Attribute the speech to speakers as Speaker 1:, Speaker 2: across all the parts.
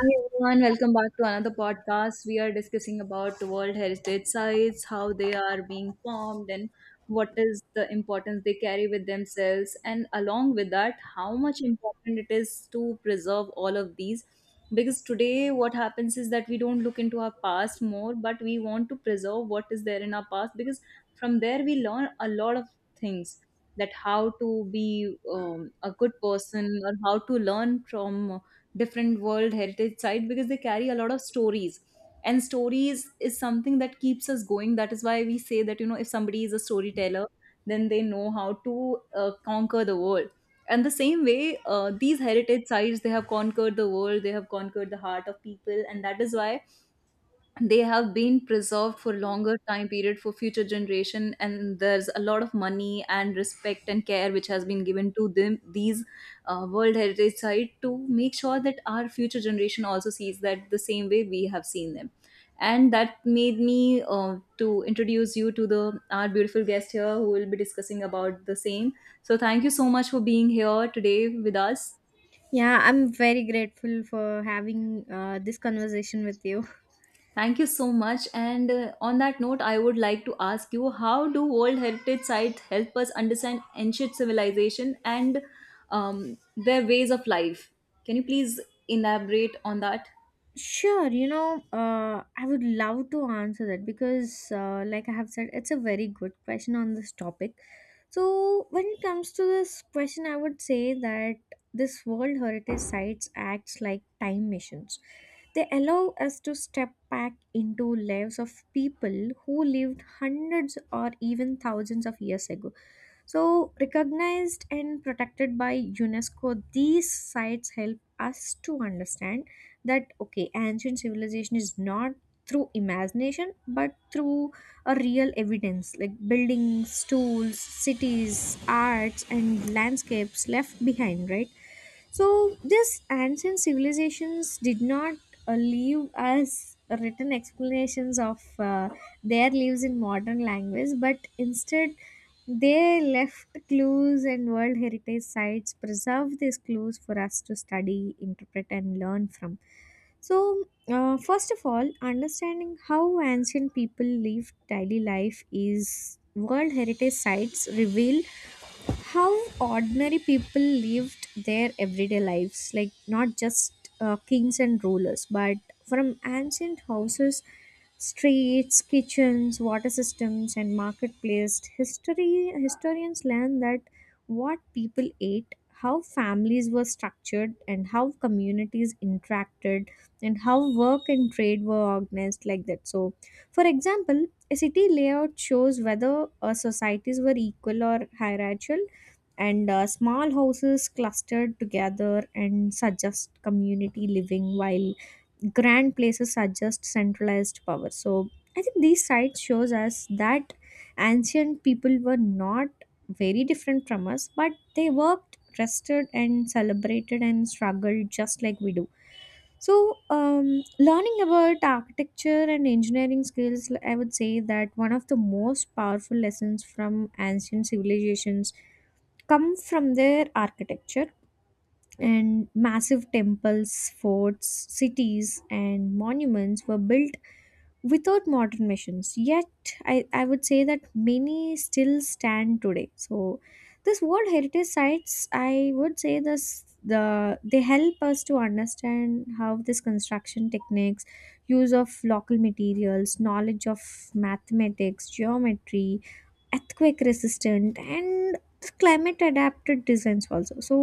Speaker 1: Hi everyone, welcome back to another podcast. We are discussing about the World Heritage Sites, how they are being formed, and what is the importance they carry with themselves, and along with that, how much important it is to preserve all of these. Because today, what happens is that we don't look into our past more, but we want to preserve what is there in our past because from there we learn a lot of things that how to be a good person or how to learn from different world heritage site because they carry a lot of stories, and stories is something that keeps us going. That is why we say that you know if somebody is a storyteller, then they know how to conquer the world. And the same way these heritage sites, they have conquered the world, they have conquered the heart of people, and that is why they have been preserved for longer time period for future generation, and there's a lot of money and respect and care which has been given to them, these world heritage site, to make sure that our future generation also sees that the same way we have seen them. And that made me to introduce you to the our beautiful guest here who will be discussing about the same. So thank you so much for being here today with us.
Speaker 2: Yeah, I'm very grateful for having this conversation with you.
Speaker 1: Thank you so much. And on that note, I would like to ask you, how do World Heritage Sites help us understand ancient civilization and their ways of life? Can you please elaborate on that?
Speaker 2: Sure, you know, I would love to answer that because, like I have said, it's a very good question on this topic. So, when it comes to this question, I would say that this World Heritage Sites acts like time machines. They allow us to step back into lives of people who lived hundreds or even thousands of years ago. So, recognized and protected by UNESCO, these sites help us to understand that okay, ancient civilization is not through imagination but through a real evidence like buildings, tools, cities, arts, and landscapes left behind, right? So these ancient civilizations did not leave us written explanations of their lives in modern language, but instead they left clues, and world heritage sites preserve these clues for us to study, interpret, and learn from. So, first of all, understanding how ancient people lived daily life is World Heritage Sites reveal how ordinary people lived their everyday lives, like not just kings and rulers but from ancient houses, streets, kitchens, water systems, and marketplace history. Historians learn that what people ate, how families were structured, and how communities interacted, and how work and trade were organized, like that. So for example, a city layout shows whether societies were equal or hierarchical, and small houses clustered together and suggest community living, while grand places suggest centralized power. So I think these sites shows us that ancient people were not very different from us, but they worked, rested, and celebrated, and struggled just like we do. So learning about architecture and engineering skills, I would say that one of the most powerful lessons from ancient civilizations come from their architecture, and massive temples, forts, cities, and monuments were built without modern machines, yet I would say that many still stand today. So this world heritage sites, I would say this, they help us to understand how this construction techniques, use of local materials, knowledge of mathematics, geometry, earthquake resistant and climate adapted designs also. So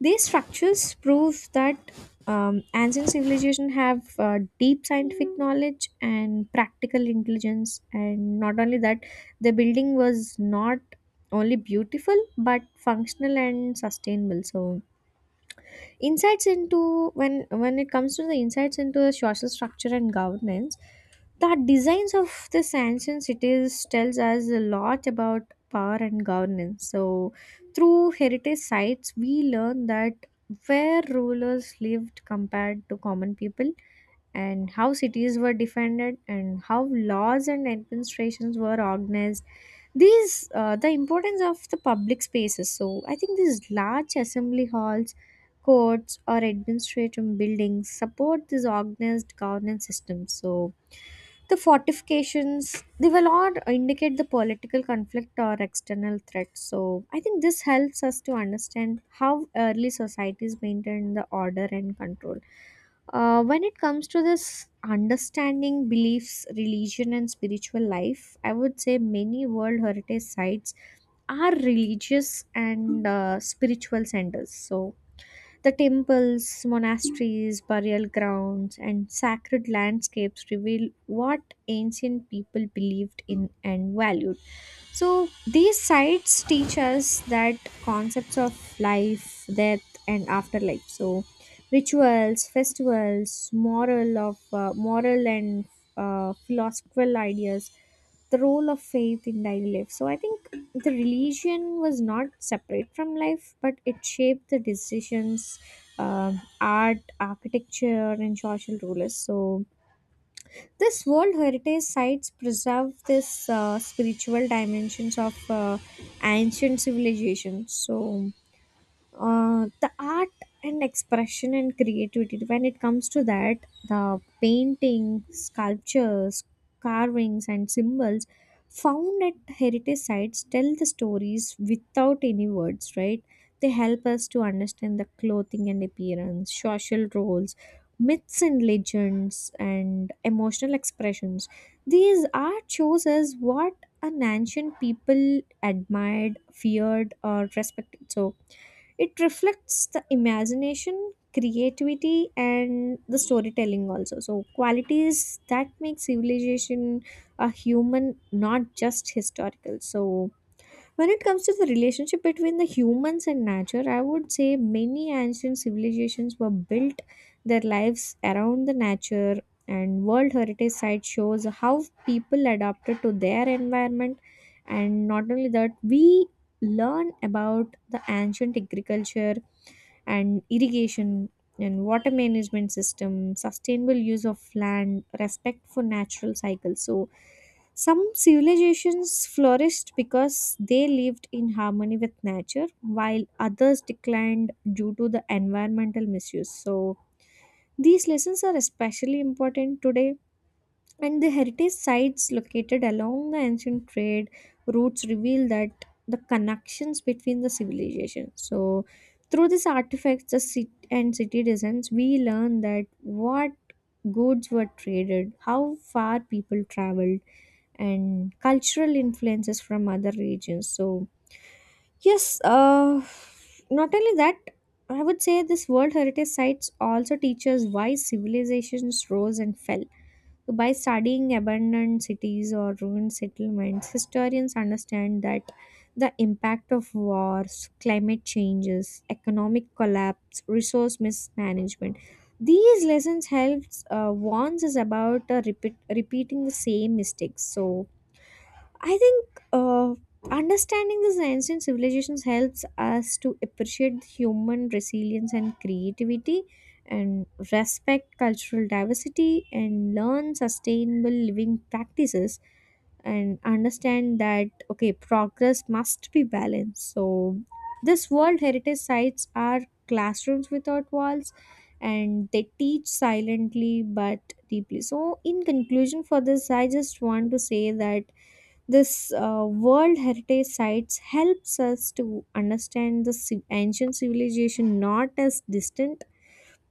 Speaker 2: these structures prove that ancient civilization have deep scientific knowledge and practical intelligence, and not only that, the building was not only beautiful but functional and sustainable. So insights into, when it comes to the insights into the social structure and governance, the designs of the ancient cities tells us a lot about power and governance. So through heritage sites we learn that where rulers lived compared to common people, and how cities were defended, and how laws and administrations were organized. These the importance of the public spaces, so I think these large assembly halls, courts, or administrative buildings support these organized governance systems. So the fortifications, they will not indicate the political conflict or external threat. So I think this helps us to understand how early societies maintained the order and control. When it comes to this understanding beliefs, religion, and spiritual life, I would say many World Heritage Sites are religious and spiritual centers. So, the temples, monasteries, burial grounds, and sacred landscapes reveal what ancient people believed in and valued. So these sites teach us that concepts of life, death, and afterlife. So rituals, festivals, moral and philosophical ideas, the role of faith in daily life. So I think the religion was not separate from life, but it shaped the decisions, art, architecture, and social rulers. So this World Heritage Sites preserve this spiritual dimensions of ancient civilizations. So the art and expression and creativity, when it comes to that, the painting, sculptures, carvings, and symbols found at heritage sites tell the stories without any words, right? They help us to understand the clothing and appearance, social roles, myths and legends, and emotional expressions. These art shows us what an ancient people admired, feared, or respected. So it reflects the imagination, creativity, and the storytelling also. So, qualities that make civilization a human, not just historical. So, when it comes to the relationship between the humans and nature, I would say many ancient civilizations were built their lives around the nature, and World Heritage Site shows how people adapted to their environment. And not only that, we learn about the ancient agriculture and irrigation and water management system, sustainable use of land, respect for natural cycles. So some civilizations flourished because they lived in harmony with nature, while others declined due to the environmental misuse. So these lessons are especially important today. And the heritage sites located along the ancient trade routes reveal that the connections between the civilizations. So, through these artifacts, the city and city designs, we learn that what goods were traded, how far people traveled, and cultural influences from other regions. So, yes, not only that, I would say this World Heritage Sites also teaches why civilizations rose and fell. By studying abandoned cities or ruined settlements, historians understand that the impact of wars, climate changes, economic collapse, resource mismanagement. These lessons helps warns us about repeating the same mistakes. So I think uh, understanding these ancient civilizations helps us to appreciate human resilience and creativity, and respect cultural diversity, and learn sustainable living practices, and understand that okay, progress must be balanced. So, this World Heritage sites are classrooms without walls, and they teach silently but deeply. So, in conclusion, for this, I just want to say that this world heritage sites helps us to understand the ancient civilization not as distant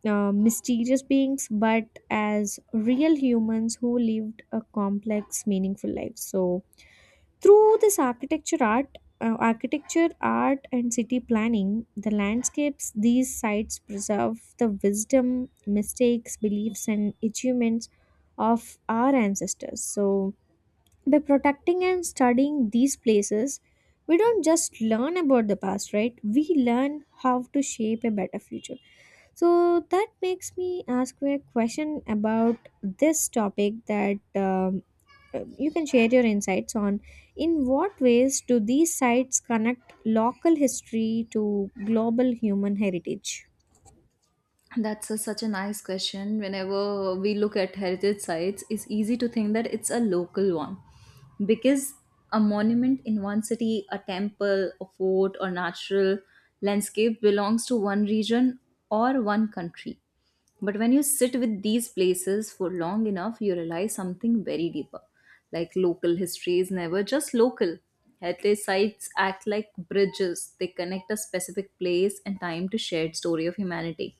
Speaker 2: mysterious beings but as real humans who lived a complex meaningful life. So through this architecture art and city planning, the landscapes, these sites preserve the wisdom, mistakes, beliefs, and achievements of our ancestors. So by protecting and studying these places, we don't just learn about the past, right? We learn how to shape a better future. So that makes me ask you a question about this topic that you can share your insights on. In what ways do these sites connect local history to global human heritage?
Speaker 1: That's a, such a nice question. Whenever we look at heritage sites, it's easy to think that it's a local one because a monument in one city, a temple, a fort, or natural landscape belongs to one region or one country. But when you sit with these places for long enough, you realize something very deeper. Like, local history is never just local. Heritage sites act like bridges, they connect a specific place and time to shared story of humanity.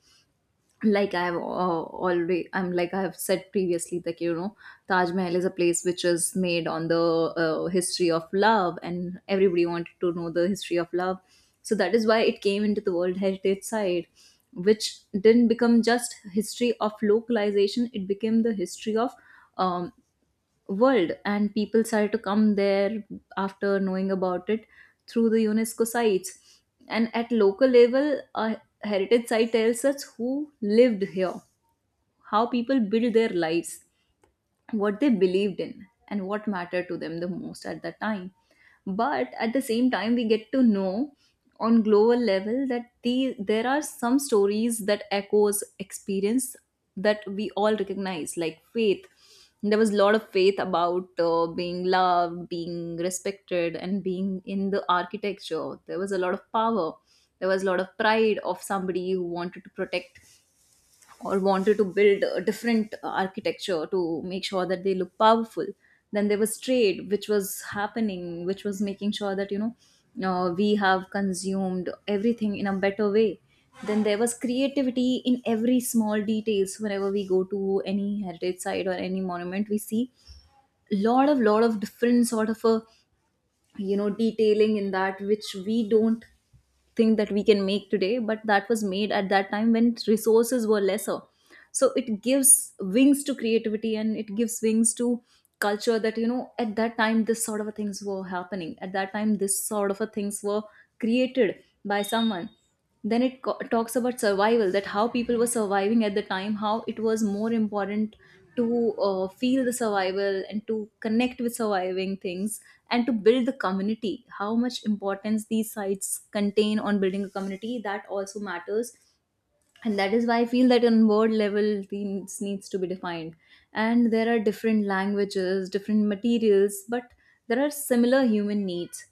Speaker 1: Like I've already I'm like I've said previously that you know Taj Mahal is a place which is made on the history of love, and everybody wanted to know the history of love. So that is why it came into the world heritage site, which didn't become just history of localization, it became the history of um, world, and people started to come there after knowing about it through the UNESCO sites. And at local level, a heritage site tells us who lived here, how people build their lives, what they believed in, and what mattered to them the most at that time. But at the same time, we get to know on global level that there are some stories that echoes experience that we all recognize, like faith. There was a lot of faith about being loved, being respected, and being in the architecture. There was a lot of power, there was a lot of pride of somebody who wanted to protect or wanted to build a different architecture to make sure that they look powerful. Then there was trade which was happening, which was making sure that you know we have consumed everything in a better way. Then there was creativity in every small details. Whenever we go to any heritage site or any monument, we see lot of different sort of a, you know, detailing in that which we don't think that we can make today, but that was made at that time when resources were lesser. So it gives wings to creativity and it gives wings to culture, that you know at that time this sort of a things were happening, at that time this sort of a things were created by someone. Then talks about survival, that how people were surviving at the time, how it was more important to feel the survival and to connect with surviving things, and to build the community. How much importance these sites contain on building a community, that also matters. And that is why I feel that on board level things needs to be defined. And there are different languages, different materials, but there are similar human needs.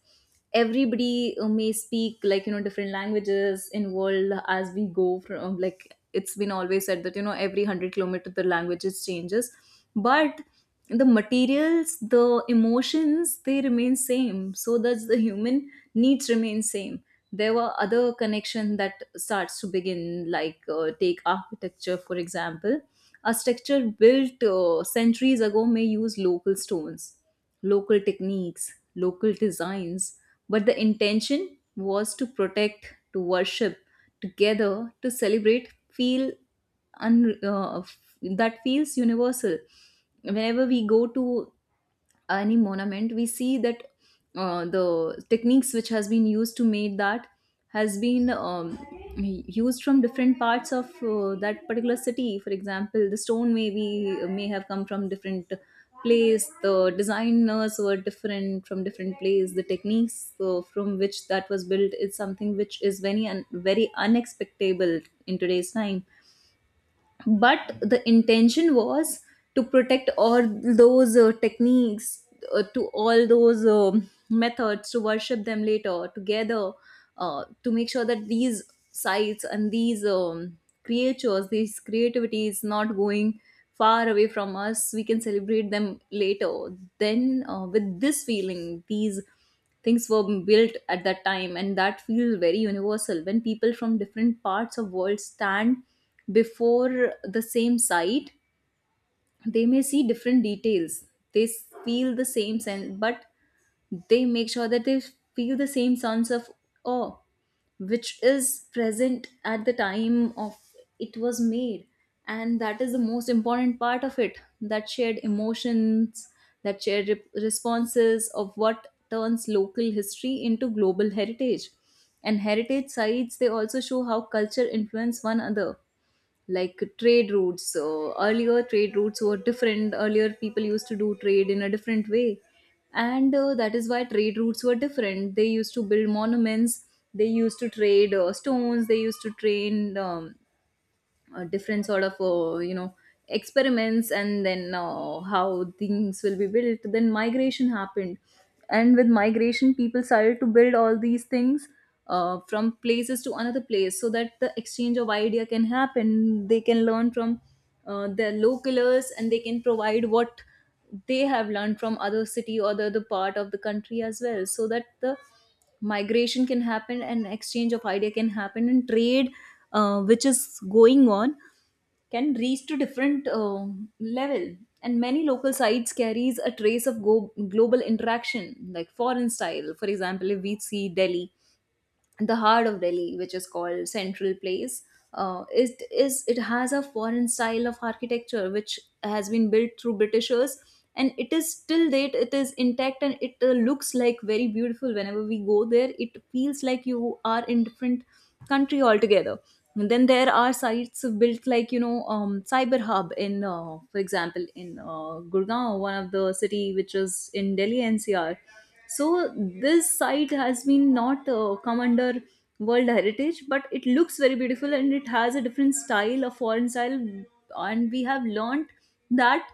Speaker 1: Everybody may speak, like, you know, different languages in world. As we go from like, it's been always said that you know every 100 kilometer the languages changes. But the materials, the emotions, they remain same. So does the human needs remain same. There were other connection that starts to begin, like take architecture for example. A structure built centuries ago may use local stones, local techniques, local designs. But the intention was to protect, to worship together, to celebrate, that feels universal. Whenever we go to any monument, we see that the techniques which has been used to make that has been used from different parts of that particular city. For example, the stone may have come from different place, the designers were different from different place, the techniques from which that was built is something which is very unexpectable in today's time. But the intention was to protect all those techniques, to all those methods, to worship them later together, to make sure that these sites and these creatures, these creativity is not going far away from us, we can celebrate them later. Then with this feeling these things were built at that time, and that feels very universal when people from different parts of world stand before the same site. They may see different details, feel the same sense, but they make sure that they feel the same sense of awe which is present at the time of it was made. And that is the most important part of it, that shared emotions, that responses of what turns local history into global heritage. And heritage sites, they also show how culture influence one another, like trade routes. So earlier trade routes were different. Earlier people used to do trade in a different way, and that is why trade routes were different. They used to build monuments. They used to trade stones. They used to train different sort of you know experiments, and then how things will be built. Then migration happened, and with migration people started to build all these things from places to another place, so that the exchange of idea can happen. They can learn from their localers, and they can provide what they have learned from other city or the other part of the country as well, so that the migration can happen and exchange of idea can happen, and trade which is going on can reach to different level. And many local sites carries a trace of global interaction, like foreign style. For example, if we see Delhi, the heart of Delhi, which is called Central Place, it has a foreign style of architecture which has been built through Britishers, and it is still date it is intact, and it looks like very beautiful. Whenever we go there, it feels like you are in different country altogether. And then there are sites built like, you know, Cyber Hub in, for example, in Gurgaon, one of the city which is in Delhi NCR. So this site has been not come under world heritage, but it looks very beautiful, and it has a different style, a foreign style. And we have learnt that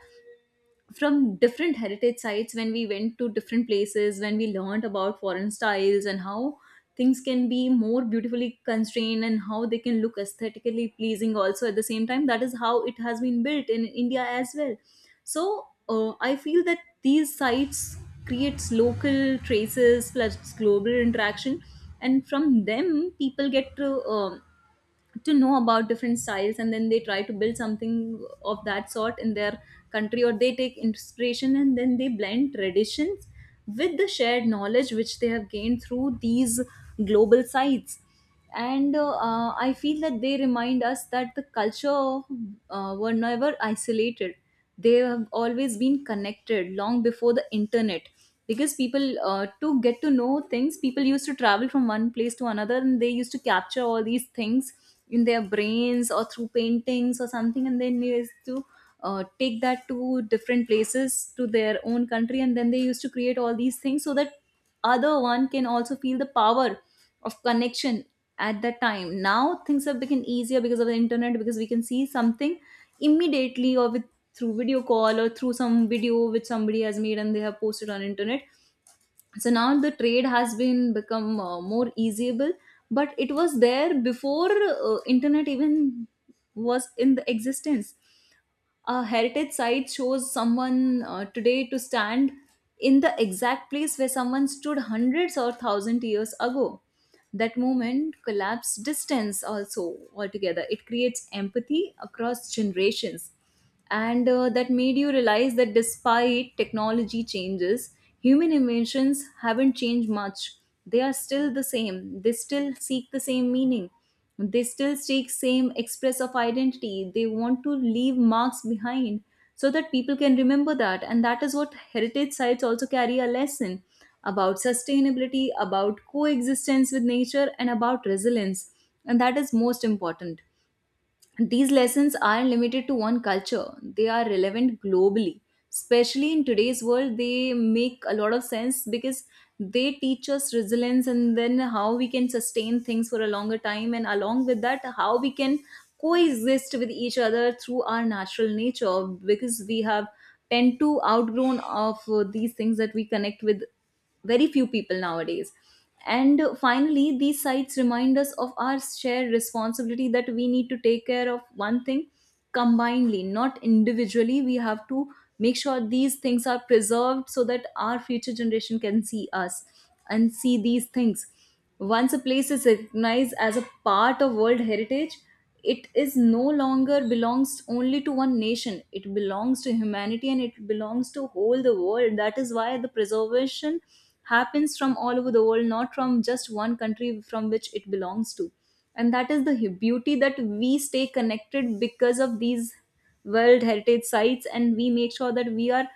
Speaker 1: from different heritage sites when we went to different places, when we learned about foreign styles and how things can be more beautifully constrained and how they can look aesthetically pleasing also at the same time. That is how it has been built in India as well. So I feel that these sites creates local traces plus global interaction, and from them people get to know about different styles, and then they try to build something of that sort in their country, or they take inspiration and then they blend traditions with the shared knowledge which they have gained through these global sites. And I feel that they remind us that the culture were never isolated. They have always been connected long before the internet, because people to get to know things, people used to travel from one place to another, and they used to capture all these things in their brains or through paintings or something, and then they used to take that to different places, to their own country, and then they used to create all these things so that other one can also feel the power of connection at that time. Now things have Become easier because of the internet, because we can see something immediately or with through video call or through some video which somebody has made and they have posted on internet. So now the trade has been become more easyable, but it was there before internet even was in the existence. A heritage site shows someone today to stand in the exact place where someone stood hundreds or thousand years ago. That moment collapse distance also altogether, it creates empathy across generations. And that made you realize that despite technology changes, human inventions haven't changed much. They are still the same, they still seek the same meaning, they still seek same express of identity, they want to leave marks behind so that people can remember that. And that is what heritage sites also carry: a lesson about sustainability, about coexistence with nature, and about resilience. And that is most important. These lessons aren't limited to one culture, they are relevant globally. Especially in today's world, they make a lot of sense because they teach us resilience and then how we can sustain things for a longer time, and along with that, how we can coexist with each other through our natural nature, because we have tend to outgrown of these things that we connect with very few people nowadays. And finally, these sites remind us of our shared responsibility, that we need to take care of one thing combinedly, not individually. We have to make sure these things are preserved so that our future generation can see us and see these things. Once a place is recognized as a part of World Heritage, it is no longer belongs only to one nation. It belongs to humanity and it belongs to whole the world. That is why the preservation happens from all over the world, not from just one country from which it belongs to. And that is the beauty, that we stay connected because of these World Heritage sites, and we make sure that we are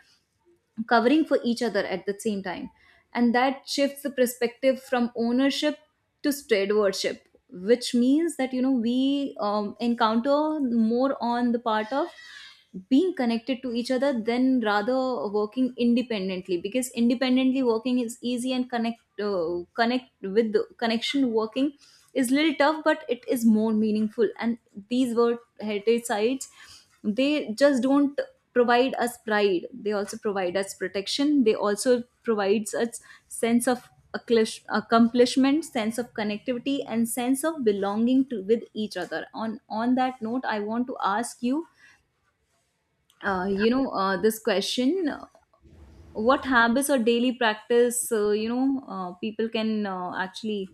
Speaker 1: covering for each other at the same time. And that shifts the perspective from ownership to stewardship, which means that, you know, we encounter more on the part of being connected to each other than rather working independently, because independently working is easy, and connect with the connection working is little tough, but it is more meaningful. And these were heritage sites, they just don't provide us pride, they also provide us protection, they also provides us sense of accomplishment, sense of connectivity, and sense of belonging to with each other. On that note, I want to ask you, you know this question, what habits or daily practice, people can actually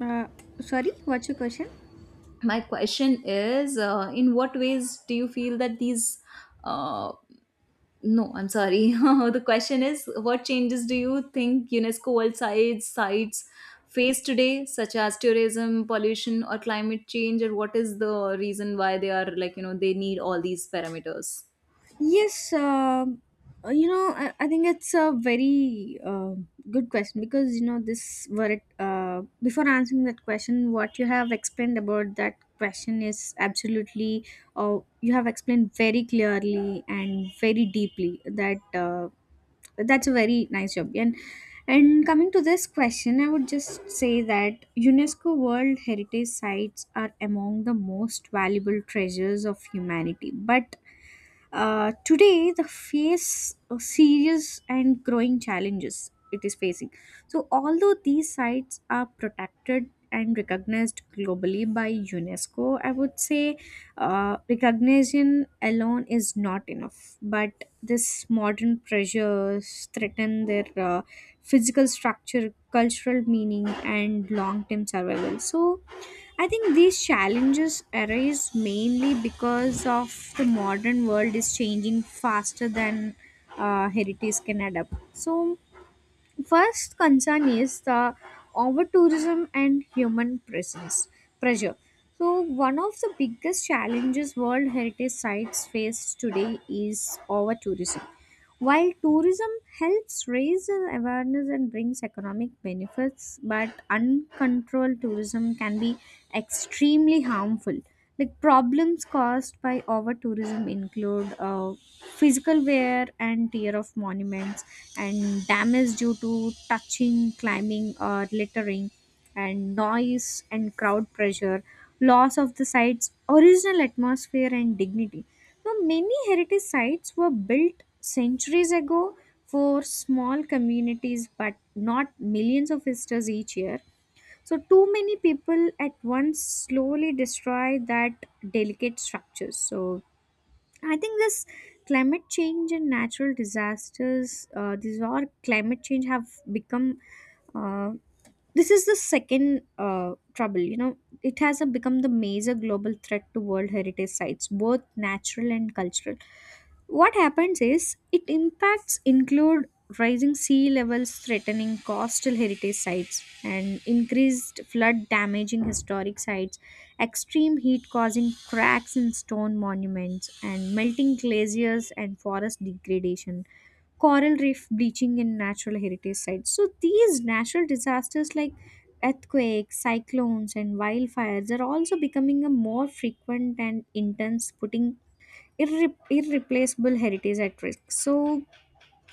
Speaker 2: Uh, sorry, what's your question?
Speaker 1: my question is, in what ways do you feel that these uh, No, I'm sorry. The question is, what changes do you think UNESCO World Sites sites face today, such as tourism, pollution, or climate change, or what is the reason why they are, like, you know, they need all these parameters?
Speaker 2: Yes, you know, I think it's a very good question because you know this. Were it, before answering that question, what you have explained about that question is absolutely, you have explained very clearly and very deeply. That that's a very nice job. And coming to this question, I would just say that UNESCO World Heritage Sites are among the most valuable treasures of humanity, but today, the face a serious and growing challenges it is facing. So, although these sites are protected and recognized globally by UNESCO, I would say recognition alone is not enough. But this modern pressures threaten their physical structure, cultural meaning, and long-term survival. So I think these challenges arise mainly because of the modern world is changing faster than heritage can adapt. So, first concern is the over tourism and human presence pressure. So, one of the biggest challenges World Heritage Sites face today is over tourism. While tourism helps raise an awareness and brings economic benefits, but uncontrolled tourism can be extremely harmful. Like problems caused by over tourism include physical wear and tear of monuments, and damage due to touching, climbing, or littering, and noise and crowd pressure, loss of the site's original atmosphere and dignity. Now, many heritage sites were built centuries ago for small communities, but not millions of visitors each year. So, too many people at once slowly destroy that delicate structures. So, I think this climate change and natural disasters, these are climate change have become. Uh, this is the second trouble, you know, it has become the major global threat to world heritage sites, both natural and cultural. What happens is it impacts include rising sea levels threatening coastal heritage sites, and increased flood damaging historic sites, extreme heat causing cracks in stone monuments and melting glaciers and forest degradation, coral reef bleaching in natural heritage sites. So these natural disasters like earthquakes, cyclones, and wildfires are also becoming a more frequent and intense, putting irreplaceable heritage at risk. So,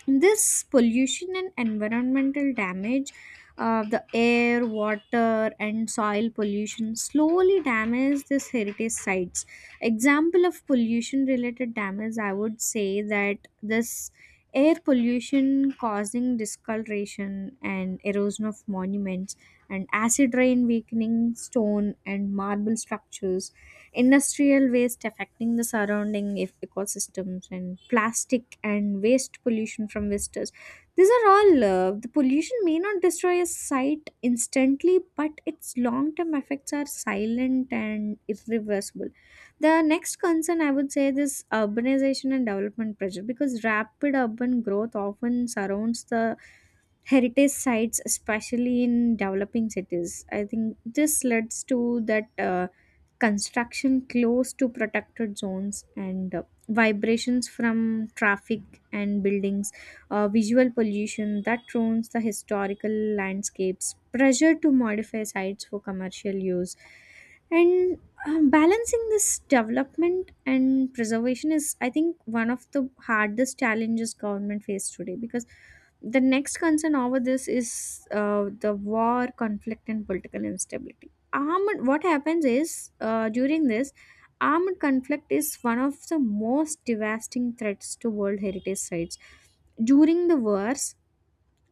Speaker 2: this pollution and environmental damage, the air, water, and soil pollution slowly damage these heritage sites. Example of pollution related damage, I would say that this air pollution causing discoloration and erosion of monuments and acid rain weakening stone and marble structures, industrial waste affecting the surrounding ecosystems, and plastic and waste pollution from visitors. These are all the pollution may not destroy a site instantly, but its long term effects are silent and irreversible. The next concern, I would say, is urbanization and development pressure, because rapid urban growth often surrounds the heritage sites, especially in developing cities. I think this leads to that construction close to protected zones, and vibrations from traffic and buildings, visual pollution that ruins the historical landscapes, pressure to modify sites for commercial use, and balancing this development and preservation is, I think, one of the hardest challenges government face today. Because the next concern over this is the war conflict and political instability. Armed what happens is uh, during this armed conflict is one of the most devastating threats to world heritage sites. During the wars,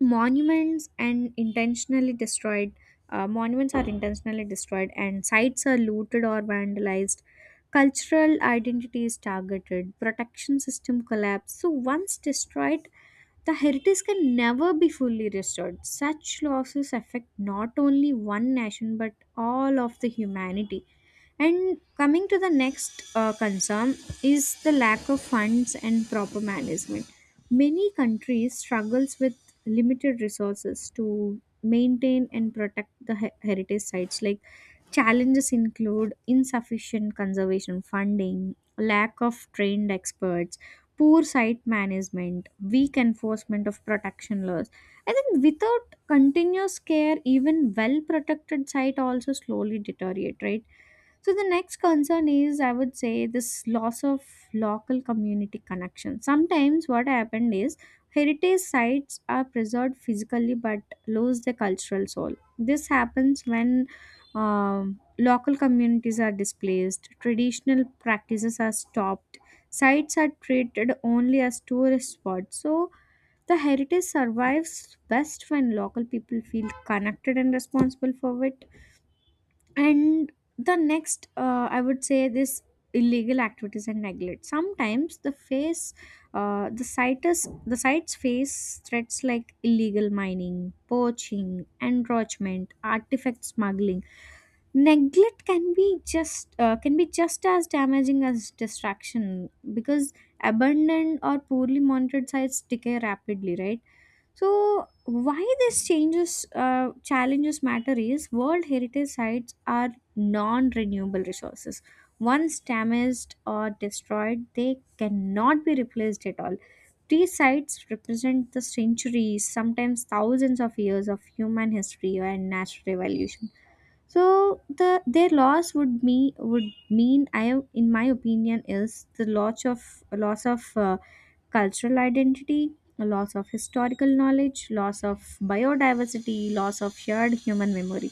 Speaker 2: monuments and intentionally destroyed monuments are intentionally destroyed and sites are looted or vandalized, cultural identity is targeted, protection system collapse. So once destroyed, the heritage can never be fully restored. Such losses affect not only one nation but all of the humanity. And coming to the next concern is the lack of funds and proper management. Many countries struggles with limited resources to maintain and protect the heritage sites. Like, challenges include insufficient conservation funding, lack of trained experts, poor site management, weak enforcement of protection laws. I think without continuous care, even well protected site also slowly deteriorate, right? So the next concern is, I would say, this loss of local community connection. Sometimes what happened is heritage sites are preserved physically but lose their cultural soul. This happens when local communities are displaced, traditional practices are stopped, sites are treated only as tourist spots. So the heritage survives best when local people feel connected and responsible for it. And the next, I would say, this illegal activities and neglect. Sometimes the face the sites face threats like illegal mining, poaching, encroachment, artifact smuggling. Neglect can be just as damaging as distraction, because abandoned or poorly monitored sites decay rapidly, right? So why these changes challenges matter is World Heritage sites are non-renewable resources. Once damaged or destroyed, they cannot be replaced at all. These sites represent the centuries, sometimes thousands of years of human history and natural evolution. So their loss would mean, I in my opinion, is the loss of cultural identity, loss of historical knowledge, loss of biodiversity, loss of shared human memory.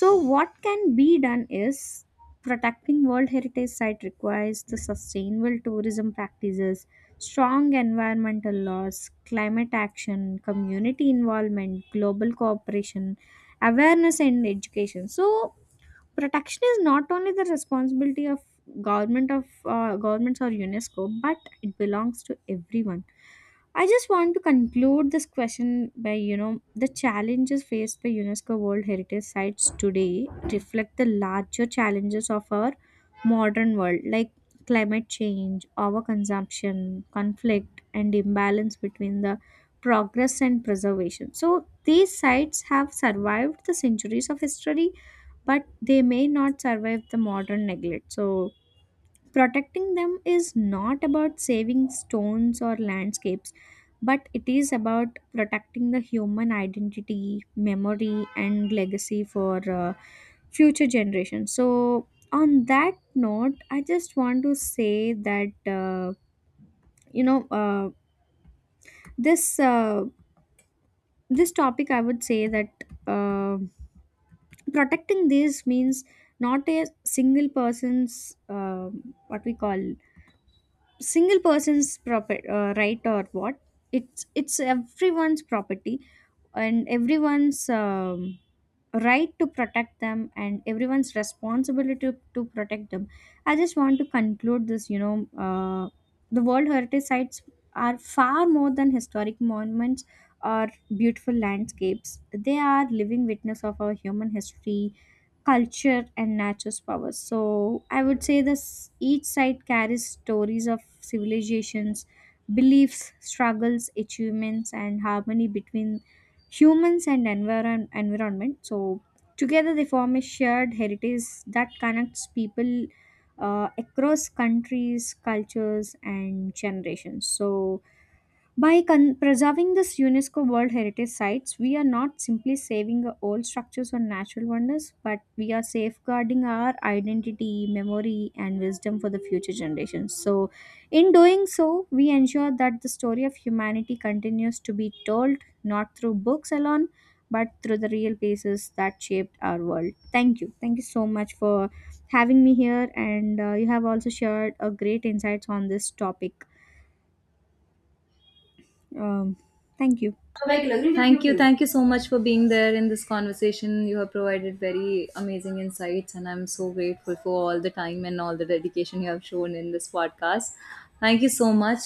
Speaker 2: So, what can be done is, protecting World Heritage Site requires the sustainable tourism practices, strong environmental laws, climate action, community involvement, global cooperation, awareness, and education. So, protection is not only the responsibility of government of governments or UNESCO, but it belongs to everyone. I just want to conclude this question by, you know, the challenges faced by UNESCO world heritage sites today reflect the larger challenges of our modern world, like climate change, overconsumption, conflict, and imbalance between the progress and preservation. So these sites have survived the centuries of history, but they may not survive the modern neglect. So, protecting them is not about saving stones or landscapes, but it is about protecting the human identity, memory, and legacy for future generations. So, on that note, I just want to say that, you know uh, this uh, this topic, I would say that. um Protecting these means not a single person's um what we call single person's property, right, or what, it's everyone's property, and everyone's, right, to protect them, and everyone's responsibility to protect them. I just want to conclude this, you know, uh, the world heritage sites are far more than historic monuments or beautiful landscapes. They are living witness of our human history, culture, and nature's power. So I would say this, each side carries stories of civilizations, beliefs, struggles, achievements, and harmony between humans and environment. So together they form a shared heritage that connects people across countries, cultures, and generations. So by preserving this UNESCO World Heritage Sites, we are not simply saving old structures or natural wonders, but we are safeguarding our identity, memory, and wisdom for the future generations. So, in doing so, we ensure that the story of humanity continues to be told not through books alone, but through the real places that shaped our world. Thank you. Thank you so much for having me here, and you have also shared a great insights on this topic. Um, Thank you.
Speaker 1: Thank you. Thank you so much for being there in this conversation. You have provided very amazing insights, and I'm so grateful for all the time and all the dedication you have shown in this podcast. Thank you so much.